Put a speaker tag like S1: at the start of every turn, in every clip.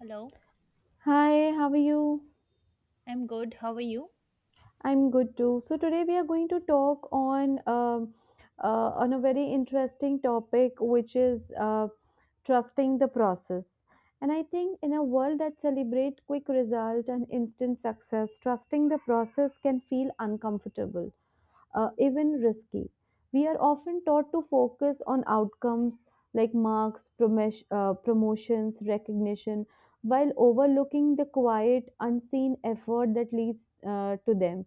S1: Hello,
S2: Hi, how are you?
S1: I'm good. How are you?
S2: I'm good too. So today we are going to talk on a very interesting topic, which is trusting the process. And I think in a world that celebrates quick result and instant success, trusting the process can feel uncomfortable, even risky. We are often taught to focus on outcomes like marks, promotions, recognition, while overlooking the quiet, unseen effort that leads, to them.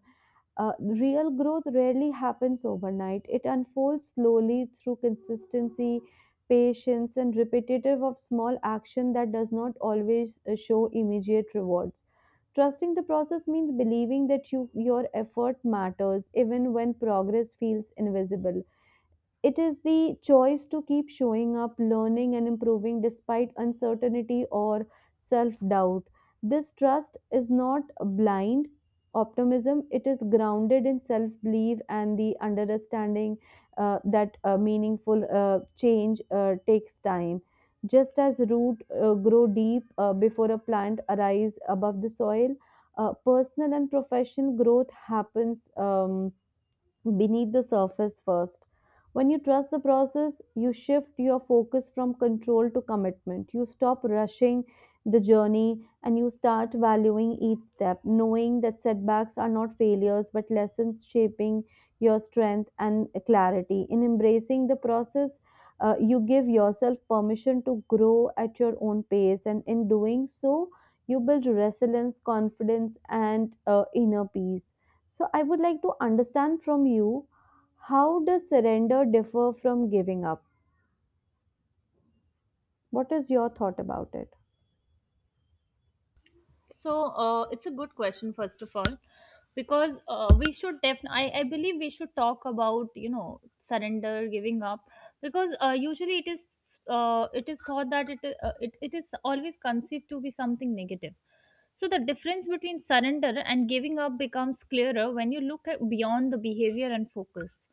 S2: Real growth rarely happens overnight. It unfolds slowly through consistency, patience, and repetitive of small action that does not always show immediate rewards. Trusting the process means believing that your effort matters even when progress feels invisible. It is the choice to keep showing up, learning, and improving despite uncertainty or self doubt. This trust is not blind optimism. It is grounded in self belief and the understanding that meaningful change takes time. Just as root grow deep before a plant arise above the soil, personal and professional growth happens, beneath the surface first. When you trust the process, you shift your focus from control to commitment. You stop rushing the journey and you start valuing each step, knowing that setbacks are not failures but lessons shaping your strength and clarity. In embracing the process, you give yourself permission to grow at your own pace, and in doing so, you build resilience, confidence, and inner peace. So, I would like to understand from you, how does surrender differ from giving up? What is your thought about it?
S1: So, it's a good question, first of all, because we should definitely, I believe we should talk about, you know, surrender, giving up, because usually it is thought that it is always conceived to be something negative. So the difference between surrender and giving up becomes clearer when you look at beyond the behavior and focus.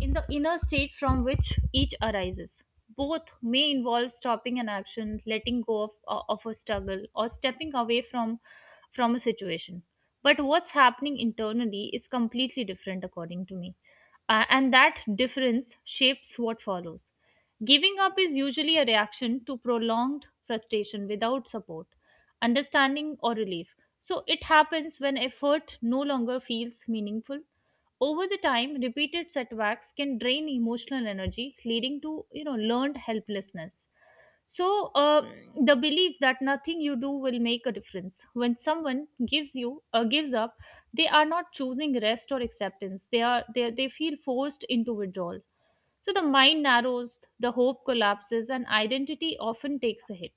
S1: In the inner state from which each arises. Both may involve stopping an action, letting go of a struggle, or stepping away from a situation. But what's happening internally is completely different, according to me. And that difference shapes what follows. Giving up is usually a reaction to prolonged frustration without support, understanding, or relief. So it happens when effort no longer feels meaningful over the time, repeated setbacks can drain emotional energy, leading to learned helplessness. So the belief that nothing you do will make a difference. When someone gives up, they are not choosing rest or acceptance. They are they feel forced into withdrawal. So the mind narrows, the hope collapses, and identity often takes a hit.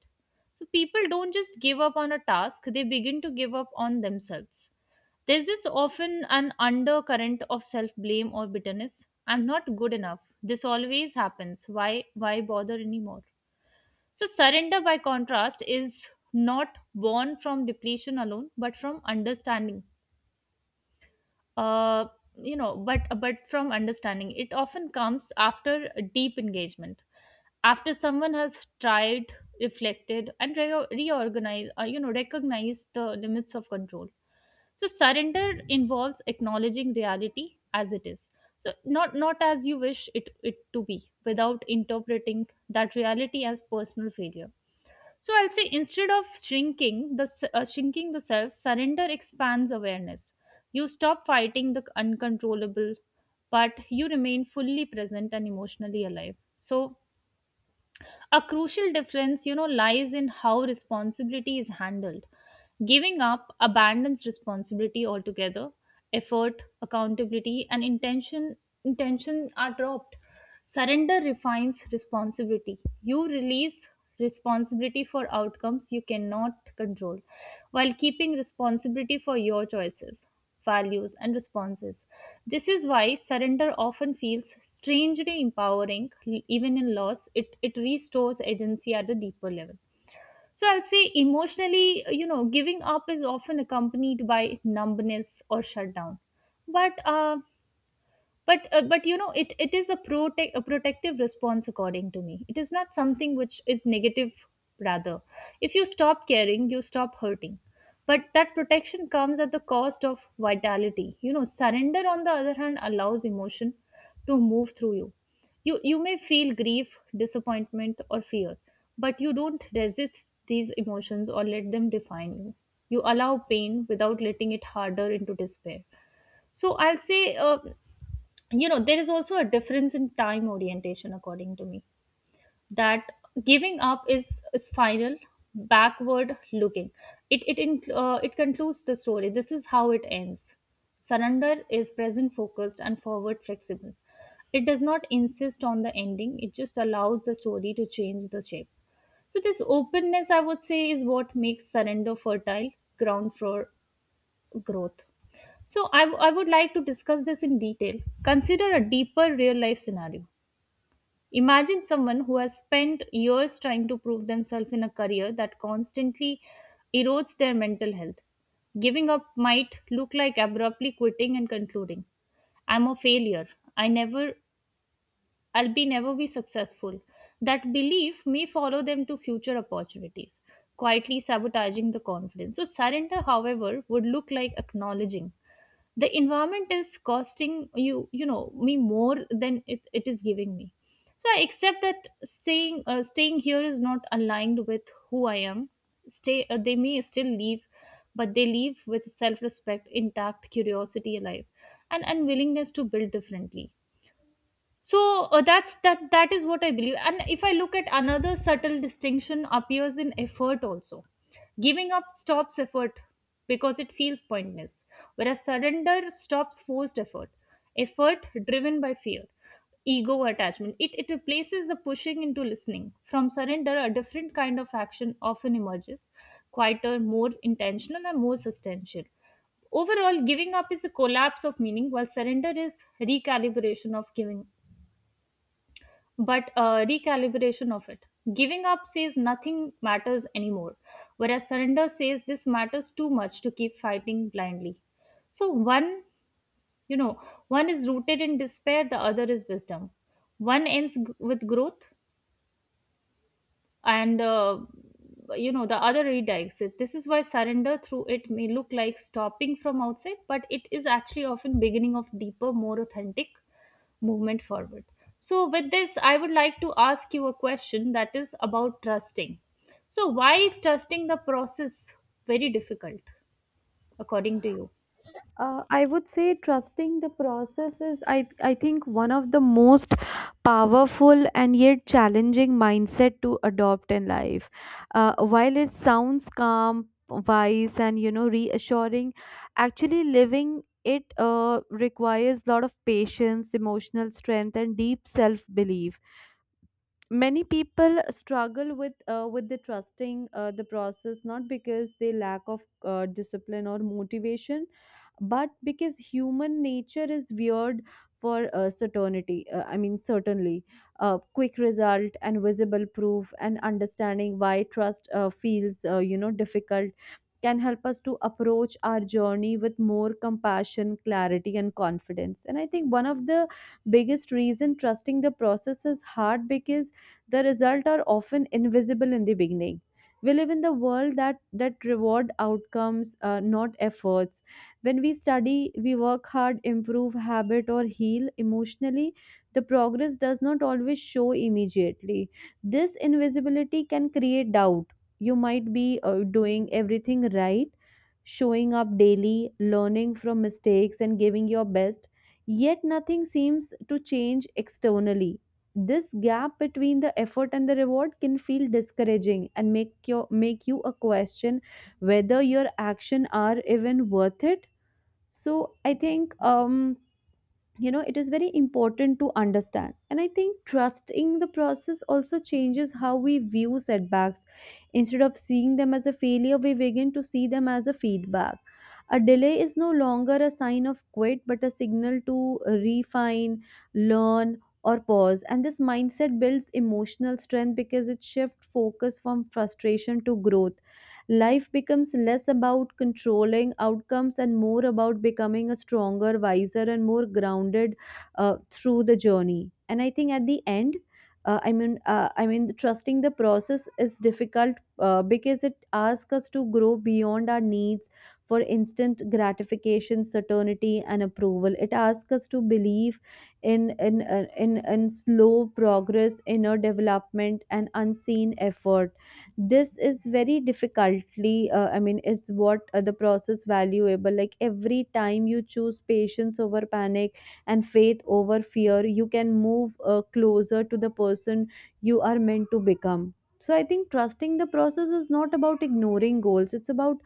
S1: So people don't just give up on a task; they begin to give up on themselves. There's this often an undercurrent of self-blame or bitterness. I'm not good enough. This always happens. Why bother anymore? So surrender by contrast is not born from depletion alone, but from understanding. Uh but from understanding. It often comes after a deep engagement. After someone has tried, reflected, and recognized the limits of control. So surrender involves acknowledging reality as it is. So not as you wish it to be, without interpreting that reality as personal failure. So I'll say instead of shrinking the self, surrender expands awareness. You stop fighting the uncontrollable, but you remain fully present and emotionally alive. So a crucial difference, you know, lies in how responsibility is handled. Giving up abandons responsibility altogether. Effort, accountability, and intention are dropped. Surrender refines responsibility. You release responsibility for outcomes you cannot control while keeping responsibility for your choices, values, and responses. This is why surrender often feels strangely empowering, even in loss. It restores agency at a deeper level. So I'll say emotionally, you know, giving up is often accompanied by numbness or shutdown. But uh, but you know it is a protective response. According to me, it is not something which is negative. Rather, if you stop caring, you stop hurting, but that protection comes at the cost of vitality. You know, surrender on the other hand allows emotion to move through you. You may feel grief, disappointment, or fear, but you don't resist these emotions or let them define you. You allow pain without letting it harder into despair. So I'll say, you know, there is also a difference in time orientation, according to me, that giving up is final, backward looking. It concludes the story. This is how it ends. Surrender is present focused and forward flexible. It does not insist on the ending. It just allows the story to change the shape. So this openness, I would say, is what makes surrender fertile ground for growth. So, I would like to discuss this in detail. Consider a deeper real life scenario. Imagine someone who has spent years trying to prove themselves in a career that constantly erodes their mental health. Giving up might look like abruptly quitting and concluding, I'm a failure. I never, I'll be never be successful. That belief may follow them to future opportunities, quietly sabotaging the confidence. So, surrender, however, would look like acknowledging the environment is costing me more than it is giving me. So I accept that, saying staying here is not aligned with who I am. Stay They may still leave, but they leave with self respect intact, curiosity alive, and unwillingness to build differently. So that's that is what I believe. And if I look at another subtle distinction, appears in effort also. Giving up stops effort because it feels pointless, whereas surrender stops forced effort, effort driven by fear, ego attachment. It replaces the pushing into listening. From surrender, a different kind of action often emerges, quieter, more intentional, and more substantial. Overall, giving up is a collapse of meaning, while surrender is recalibration of giving. But Recalibration of it. Giving up says nothing matters anymore, whereas surrender says this matters too much to keep fighting blindly. So one, you know, one is rooted in despair, the other is wisdom. One ends with growth, and the other redirects it. This is why surrender, through it may look like stopping from outside, but it is actually often beginning of deeper, more authentic movement forward. So with this I would like to ask you a question that is about trusting. So why is trusting the process very difficult according to you?
S2: I would say trusting the process is, I think, one of the most powerful and yet challenging mindset to adopt in life. While it sounds calm, wise, and reassuring, actually living it requires a lot of patience, emotional strength, and deep self belief. Many people struggle with the trusting the process, not because they lack of discipline or motivation, but because human nature is weird for certainty, I mean certainly, quick result and visible proof. And understanding why trust feels difficult can help us to approach our journey with more compassion, clarity, and confidence. And I think one of the biggest reason trusting the process is hard because the results are often invisible in the beginning. We live in the world that reward outcomes, not efforts. When we study, we work hard, improve habit, or heal emotionally, the progress does not always show immediately. This invisibility can create doubt. You might be doing everything right, showing up daily, learning from mistakes, and giving your best, yet nothing seems to change externally. This gap between the effort and the reward can feel discouraging and make you a question whether your action are even worth it. So I think, it is very important to understand. And I think trusting the process also changes how we view setbacks. Instead of seeing them as a failure, we begin to see them as a feedback. A delay is no longer a sign of quit but a signal to refine, learn, or pause. And this mindset builds emotional strength because it shifts focus from frustration to growth. Life becomes less about controlling outcomes and more about becoming a stronger, wiser, and more grounded, through the journey. And I think at the end, I mean, trusting the process is difficult because it asks us to grow beyond our needs for instant gratification, certainty, and approval. It asks us to believe in slow progress, inner development, and unseen effort. This is very difficultly, I mean, is what the process valuable. Like, every time you choose patience over panic and faith over fear, you can move closer to the person you are meant to become. So I think trusting the process is not about ignoring goals, it's about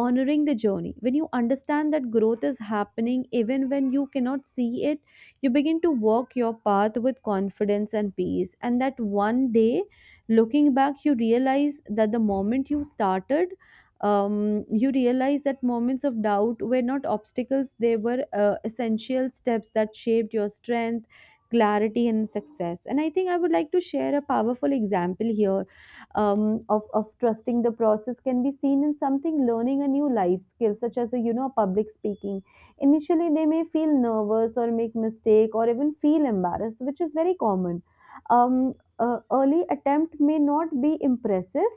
S2: honoring the journey. When you understand that growth is happening even when you cannot see it, you begin to walk your path with confidence and peace, and that one day, looking back, you realize that the moment you started, you realize that moments of doubt were not obstacles. They were essential steps that shaped your strength, clarity, and success. And I think I would like to share a powerful example here, of trusting the process can be seen in something, learning a new life skill such as, a, you know public speaking. Initially, they may feel nervous or make mistake or even feel embarrassed, which is very common. um, Early attempt may not be impressive.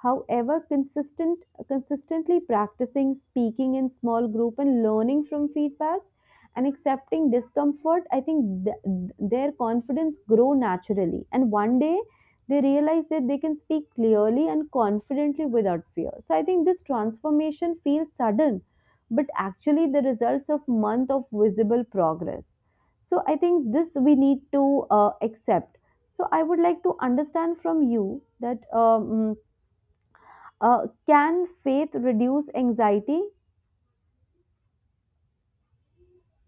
S2: However, consistently practicing speaking in small group and learning from feedbacks and accepting discomfort, I think their confidence grow naturally, and one day they realize that they can speak clearly and confidently without fear. So I think this transformation feels sudden, but actually the results of month of visible progress. So I think this we need to accept. So I would like to understand from you that, can faith reduce anxiety?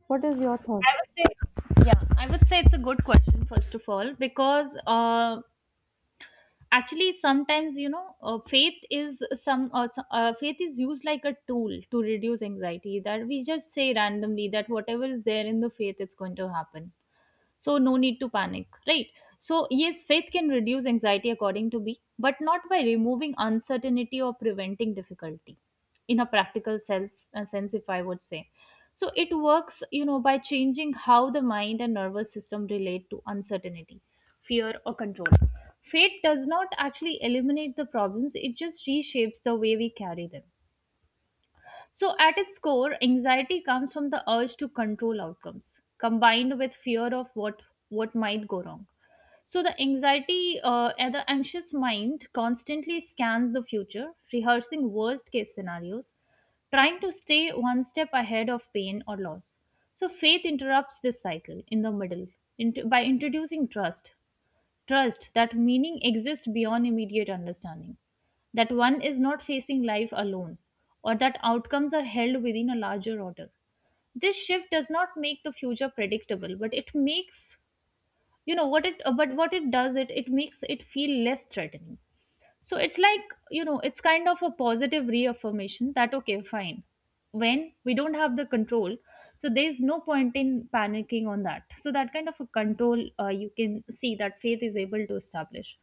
S2: What is your thought?
S1: I would say, yeah, I would say it's a good question first of all, because actually sometimes, you know, faith is faith is used like a tool to reduce anxiety, that we just say randomly that whatever is there in the faith, it's going to happen, so no need to panic, right? So yes, faith can reduce anxiety, according to me, but not by removing uncertainty or preventing difficulty in a practical sense, if I would say. So it works, you know, by changing how the mind and nervous system relate to uncertainty, fear, or control. Fate does not actually eliminate the problems. It just reshapes the way we carry them. So, at its core, anxiety comes from the urge to control outcomes, combined with fear of what might go wrong. So, the anxiety, and the anxious mind constantly scans the future, rehearsing worst case scenarios, trying to stay one step ahead of pain or loss. So, faith interrupts this cycle in the middle by introducing trust. Trust that meaning exists beyond immediate understanding, that one is not facing life alone, or that outcomes are held within a larger order. This shift does not make the future predictable, but it makes you know what it but what it does, it makes it feel less threatening. So it's like, you know, it's kind of a positive reaffirmation that okay, fine, when we don't have the control, so there's no point in panicking on that. So that kind of a control, you can see that faith is able to establish.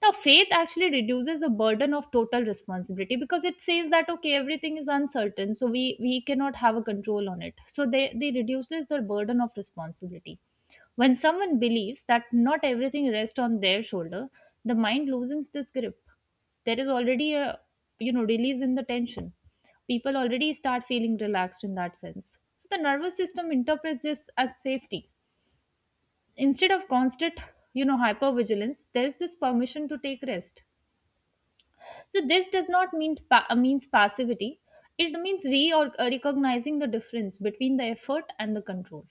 S1: Now, faith actually reduces the burden of total responsibility, because it says that okay, everything is uncertain, so we cannot have a control on it. So they reduces the burden of responsibility. When someone believes that not everything rests on their shoulder, the mind loosens this grip. There is already a, you know, release in the tension. People already start feeling relaxed in that sense. So the nervous system interprets this as safety. Instead of constant, you know, hypervigilance, there's this permission to take rest. So this does not mean pa- means passivity. It means recognizing the difference between the effort and the control.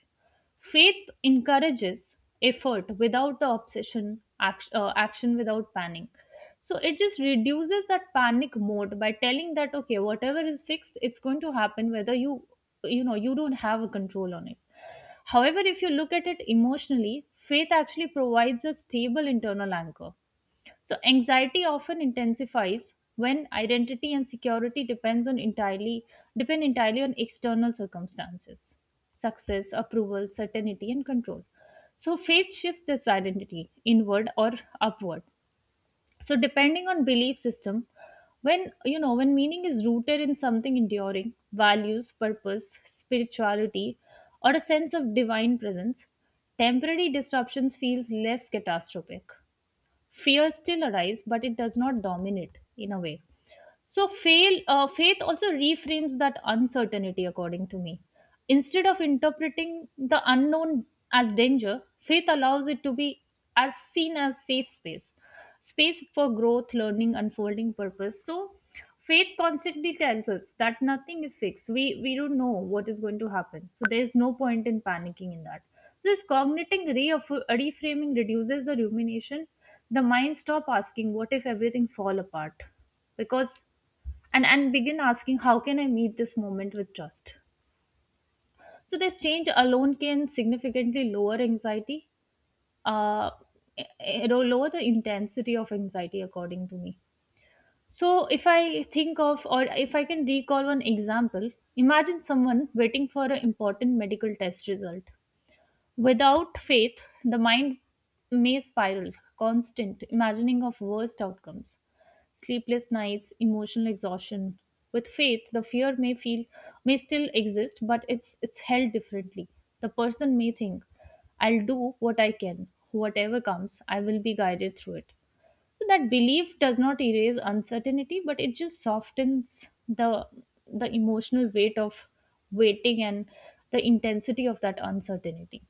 S1: Faith encourages effort without the obsession, action without panic. So it just reduces that panic mode by telling that okay, whatever is fixed, it's going to happen, whether you, you know, you don't have a control on it. However, if you look at it emotionally, faith actually provides a stable internal anchor. So anxiety often intensifies when identity and security depend entirely on external circumstances, success, approval, certainty, and control. So faith shifts this identity inward or upward. So depending on belief system, when, you know, when meaning is rooted in something enduring, values, purpose, spirituality, or a sense of divine presence, temporary disruptions feels less catastrophic. Fear still arises, but it does not dominate in a way. So faith also reframes that uncertainty, according to me. Instead of interpreting the unknown as danger, faith allows it to be as seen as safe space, space for growth, learning, unfolding purpose. So faith constantly tells us that nothing is fixed. We don't know what is going to happen, so there is no point in panicking in that. This cognitive reframing reduces the rumination. The mind stop asking what if everything fall apart, because and begin asking how can I meet this moment with trust. So this change alone can significantly lower anxiety, uh, lower the intensity of anxiety, according to me. So, if I think of or if I can recall one example, imagine someone waiting for an important medical test result. Without faith, the mind may spiral, constant imagining of worst outcomes, sleepless nights, emotional exhaustion. With faith, the fear may feel may still exist, but it's held differently. The person may think, I'll do what I can. Whatever comes, I will be guided through it. So that belief does not erase uncertainty, but it just softens the emotional weight of waiting and the intensity of that uncertainty.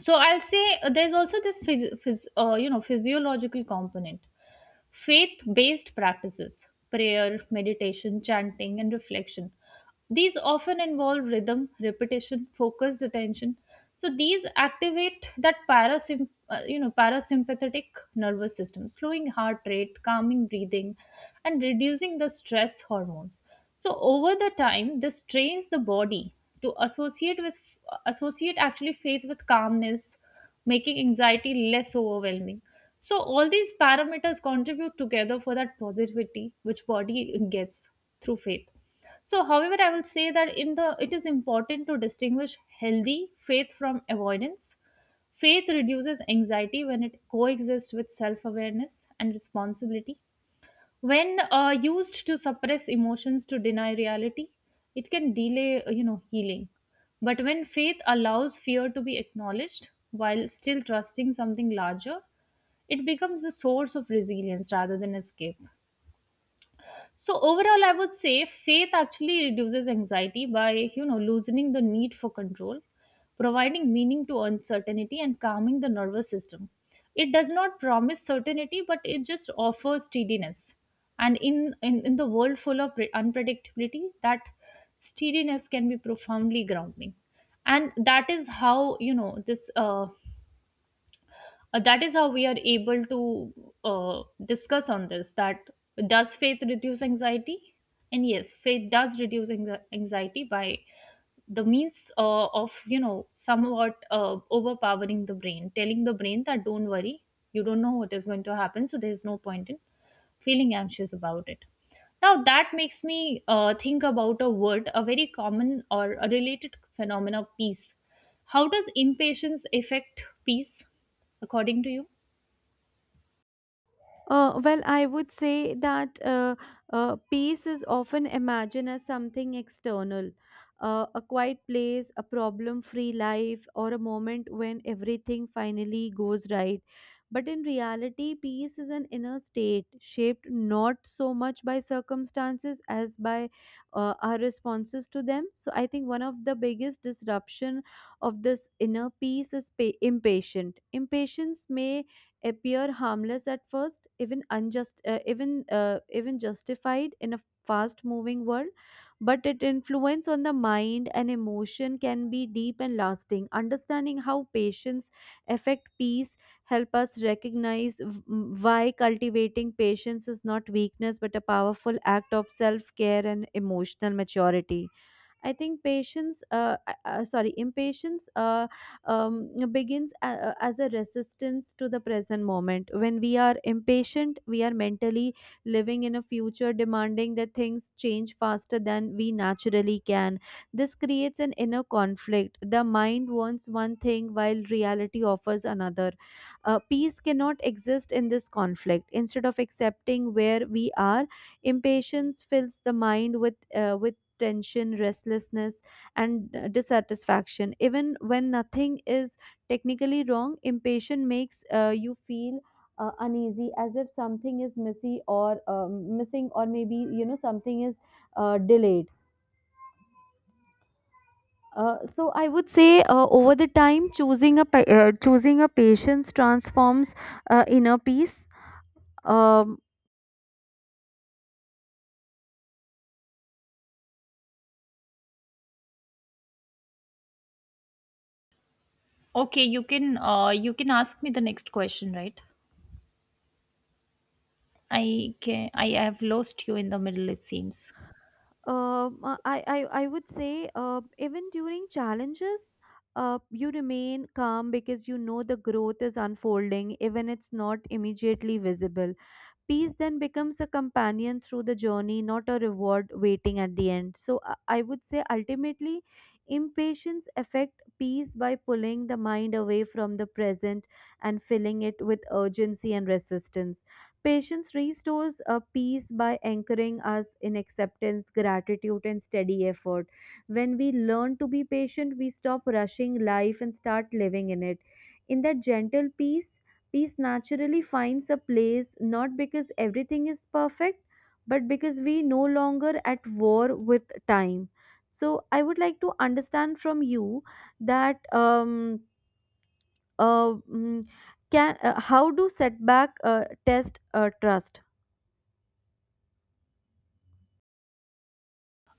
S1: So I'll say there's also this physiological component. Faith based practices, prayer, meditation, chanting, and reflection, these often involve rhythm, repetition, focused attention. So these activate that parasympathetic nervous system, slowing heart rate, calming breathing, and reducing the stress hormones. So over the time, this trains the body to associate actually faith with calmness, making anxiety less overwhelming. So all these parameters contribute together for that positivity which body gets through faith. So, however, I will say that in the it is important to distinguish healthy faith from avoidance. Faith reduces anxiety when it coexists with self awareness and responsibility, when used to suppress emotions to deny reality, it can delay healing, but when faith allows fear to be acknowledged while still trusting something larger, it becomes a source of resilience rather than escape. So overall, I would say faith actually reduces anxiety by loosening the need for control, providing meaning to uncertainty, and calming the nervous system. It does not promise certainty, but it just offers steadiness. And in the world full of unpredictability, that steadiness can be profoundly grounding. And that is how you know this. That is how we are able to discuss on this, that does faith reduce anxiety, and yes, faith does reduce anxiety by the means of somewhat overpowering the brain, telling the brain that don't worry, you don't know what is going to happen, so there's no point in feeling anxious about it. Now that makes me think about a word, a very common or a related phenomena, peace. How does impatience affect peace according to you?
S2: Well, I would say that peace is often imagined as something external, a quiet place, a problem free life, or a moment when everything finally goes right. But in reality, peace is an inner state shaped not so much by circumstances as by our responses to them. So I think one of the biggest disruption of this inner peace is impatient. Impatience may appear harmless at first, even unjust, even justified in a fast-moving world. But its influence on the mind and emotion can be deep and lasting. Understanding how patience affect peace help us recognize why cultivating patience is not weakness but a powerful act of self-care and emotional maturity. I think patience, sorry, impatience, begins as a resistance to the present moment. When we are impatient, we are mentally living in a future demanding that things change faster than we naturally can. This creates an inner conflict. The mind wants one thing while reality offers another. Peace cannot exist in this conflict. Instead of accepting where we are, impatience fills the mind with tension, restlessness, and dissatisfaction. Even when nothing is technically wrong, impatience makes you feel uneasy, as if something is missy or missing, or maybe something is delayed. So I would say over the time, choosing a patience transforms inner peace. Um
S1: Okay, you can ask me the next question, right? I have lost you in the middle, it seems.
S2: I would say even during challenges, you remain calm because the growth is unfolding, even it's not immediately visible. Peace then becomes a companion through the journey, not a reward waiting at the end. So I would say ultimately, impatience affect peace by pulling the mind away from the present and filling it with urgency and resistance. Patience restores a peace by anchoring us in acceptance, gratitude, and steady effort. When we learn to be patient, we stop rushing life and start living in it. In that gentle peace, peace naturally finds a place, not because everything is perfect, but because we no longer at war with time. So I would like to understand from you that, mm, can how do setback test trust?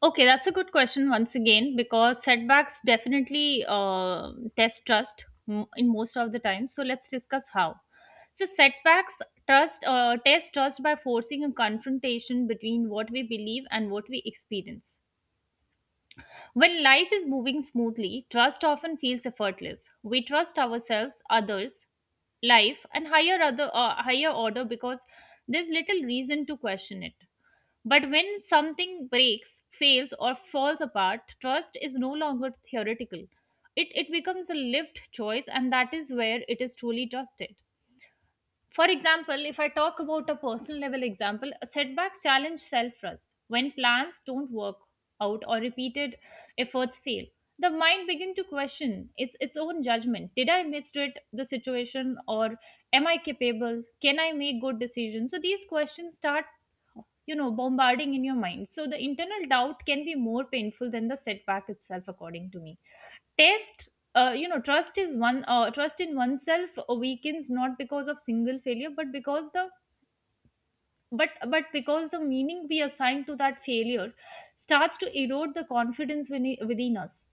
S1: Okay, that's a good question once again, because setbacks definitely test trust in most of the time. So let's discuss how. So setbacks trust test trust by forcing a confrontation between what we believe and what we experience. When life is moving smoothly, trust often feels effortless. We trust ourselves, others, life, and higher order, because there's little reason to question it. But when something breaks, fails, or falls apart, trust is no longer theoretical. It becomes a lived choice, and that is where it is truly trusted. For example, if I talk about a personal level example, setbacks challenge self trust. When plans don't work out or repeated efforts fail, the mind begin to question its own judgment. Did I misread the situation, or am I capable? Can I make good decisions? So these questions start bombarding in your mind, so the internal doubt can be more painful than the setback itself, according to me. Test. Trust is one, trust in oneself weakens not because of single failure, but because the meaning we assign to that failure starts to erode the confidence within us.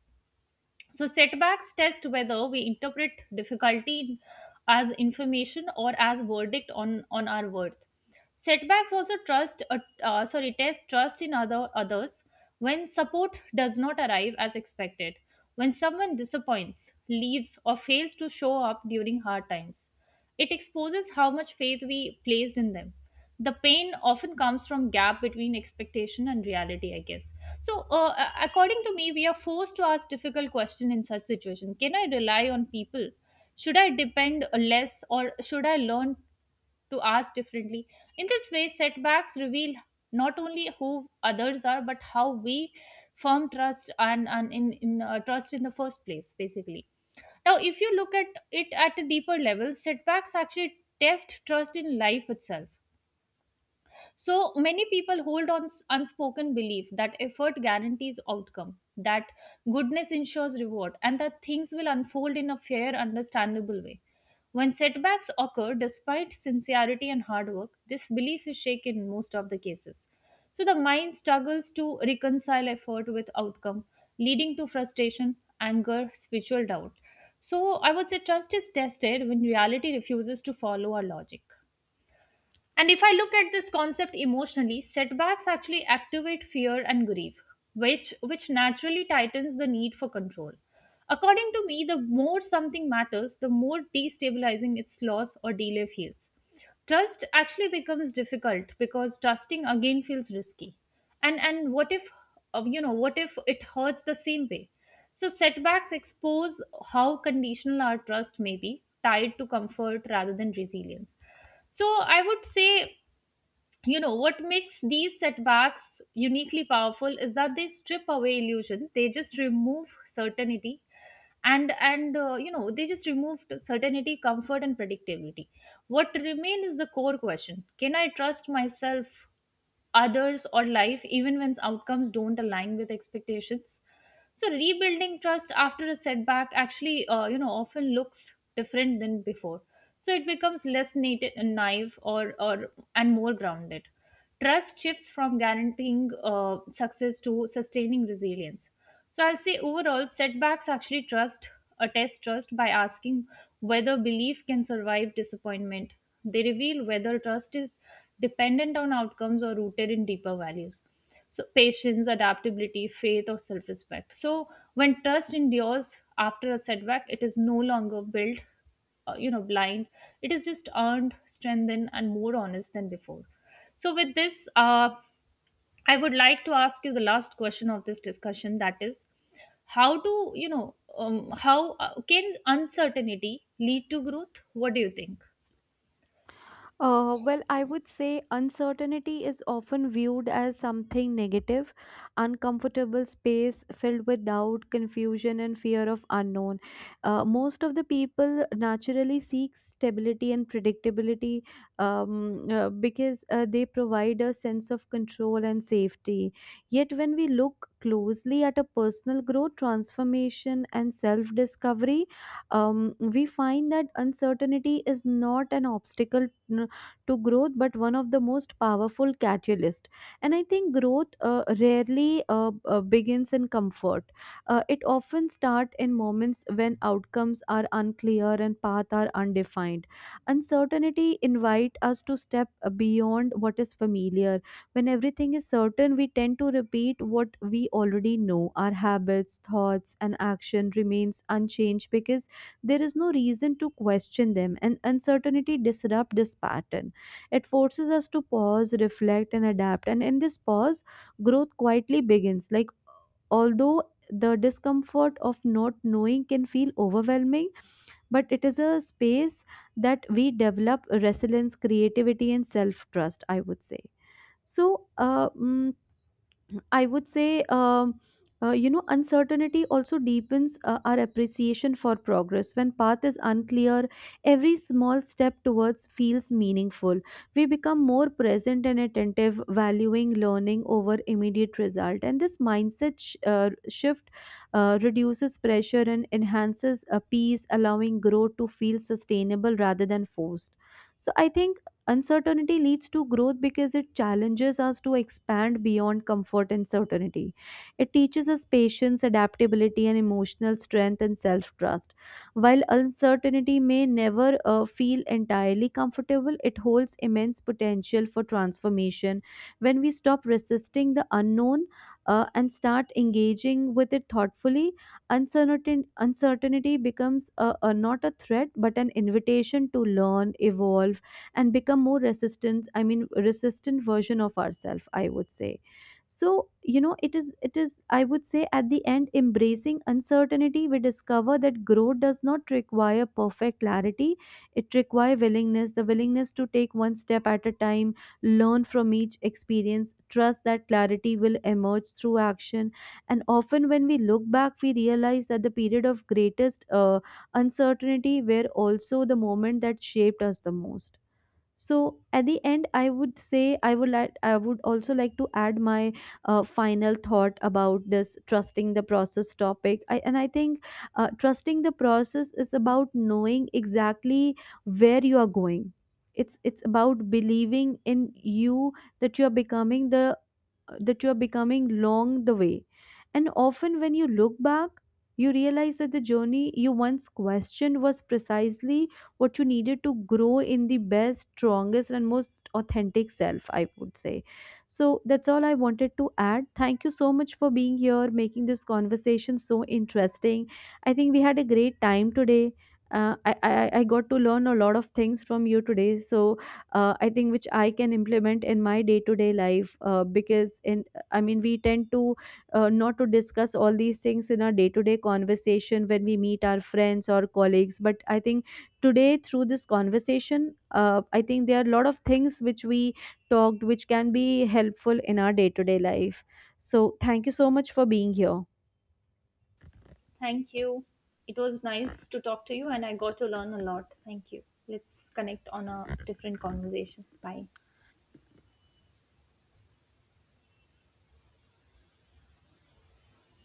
S1: So setbacks test whether we interpret difficulty as information or as verdict on our worth. Setbacks also test trust in others when support does not arrive as expected, when someone disappoints, leaves, or fails to show up during hard times. It exposes how much faith we placed in them. The pain often comes from gap between expectation and reality, I guess. So, according to me, we are forced to ask difficult question in such situation. Can I rely on people? Should I depend less, or should I learn to ask differently? In this way, setbacks reveal not only who others are, but how we form trust and in trust in the first place, basically. Now, if you look at it at a deeper level, setbacks actually test trust in life itself. So many people hold on unspoken belief that effort guarantees outcome, that goodness ensures reward, and that things will unfold in a fair, understandable way. When setbacks occur, despite sincerity and hard work, this belief is shaken in most of the cases. So the mind struggles to reconcile effort with outcome, leading to frustration, anger, spiritual doubt. So I would say trust is tested when reality refuses to follow our logic. And if I look at this concept emotionally, setbacks actually activate fear and grief, which naturally tightens the need for control. According to me, the more something matters, the more destabilizing its loss or delay feels. Trust actually becomes difficult because trusting again feels risky. And what if what if it hurts the same way? So setbacks expose how conditional our trust may be, tied to comfort rather than resilience. So I would say, what makes these setbacks uniquely powerful is that they strip away illusion. They just remove certainty, and they just removed certainty, comfort, and predictability. What remain is the core question: Can I trust myself, others, or life, even when outcomes don't align with expectations? So rebuilding trust after a setback actually, often looks different than before. So it becomes less naive or and more grounded. Trust shifts from guaranteeing success to sustaining resilience. So I'll say overall, setbacks actually trust a test trust by asking whether belief can survive disappointment. They reveal whether trust is dependent on outcomes or rooted in deeper values. So patience, adaptability, faith, or self-respect. So when trust endures after a setback, it is no longer built, blind. It is just earned, strengthened, and more honest than before. So with this, I would like to ask you the last question of this discussion, that is, how do you know how can uncertainty lead to growth? What do you think?
S2: Well, I would say uncertainty is often viewed as something negative, uncomfortable space filled with doubt, confusion, and fear of unknown. Most of the people naturally seek stability and predictability, because they provide a sense of control and safety. Yet, when we look closely at a personal growth, transformation, and self discovery, we find that uncertainty is not an obstacle to growth but one of the most powerful catalyst. And I think growth rarely begins in comfort. It often starts in moments when outcomes are unclear and paths are undefined. Uncertainty invite us to step beyond what is familiar. When everything is certain, we tend to repeat what we already know. Our habits, thoughts, and action remains unchanged because there is no reason to question them. And uncertainty disrupt this pattern. It forces us to pause, reflect, and adapt. And in this pause, growth quietly begins. Like, although the discomfort of not knowing can feel overwhelming, but it is a space that we develop resilience, creativity, and self trust, I would say. So, uh, mm, I would say, uncertainty also deepens our appreciation for progress. When path is unclear, every small step towards feels meaningful. We become more present and attentive, valuing learning over immediate result. And this mindset shift reduces pressure and enhances peace, allowing growth to feel sustainable rather than forced. So I think uncertainty leads to growth because it challenges us to expand beyond comfort and certainty. It teaches us patience, adaptability, and emotional strength and self trust. While uncertainty may never feel entirely comfortable, it holds immense potential for transformation. When we stop resisting the unknown, and start engaging with it thoughtfully, uncertainty becomes, not a threat but an invitation to learn, evolve, and become more resistant, I mean resistant version of ourselves, I would say. So, it is, I would say, at the end, embracing uncertainty, we discover that growth does not require perfect clarity. It requires willingness, the willingness to take one step at a time, learn from each experience, trust that clarity will emerge through action. And often when we look back, we realize that the period of greatest uncertainty were also the moment that shaped us the most. So at the end, I would say, I would also like to add my final thought about this trusting the process topic. And I think trusting the process is about knowing exactly where you are going. It's, about believing in you, that you are becoming the that you are becoming along the way. And often, when you look back, you realize that the journey you once questioned was precisely what you needed to grow in the best, strongest, and most authentic self, I would say. So, that's all I wanted to add. Thank you so much for being here, making this conversation so interesting. I think we had a great time today. I got to learn a lot of things from you today. So, I think which I can implement in my day to day life, because in I mean we tend to, not to discuss all these things in our day to day conversation when we meet our friends or colleagues. But I think today through this conversation, I think there are a lot of things which we talked which can be helpful in our day to day life. So thank you so much for being here.
S1: Thank you. It was nice to talk to you, and I got to learn a lot. Thank you. Let's connect on a different conversation. Bye.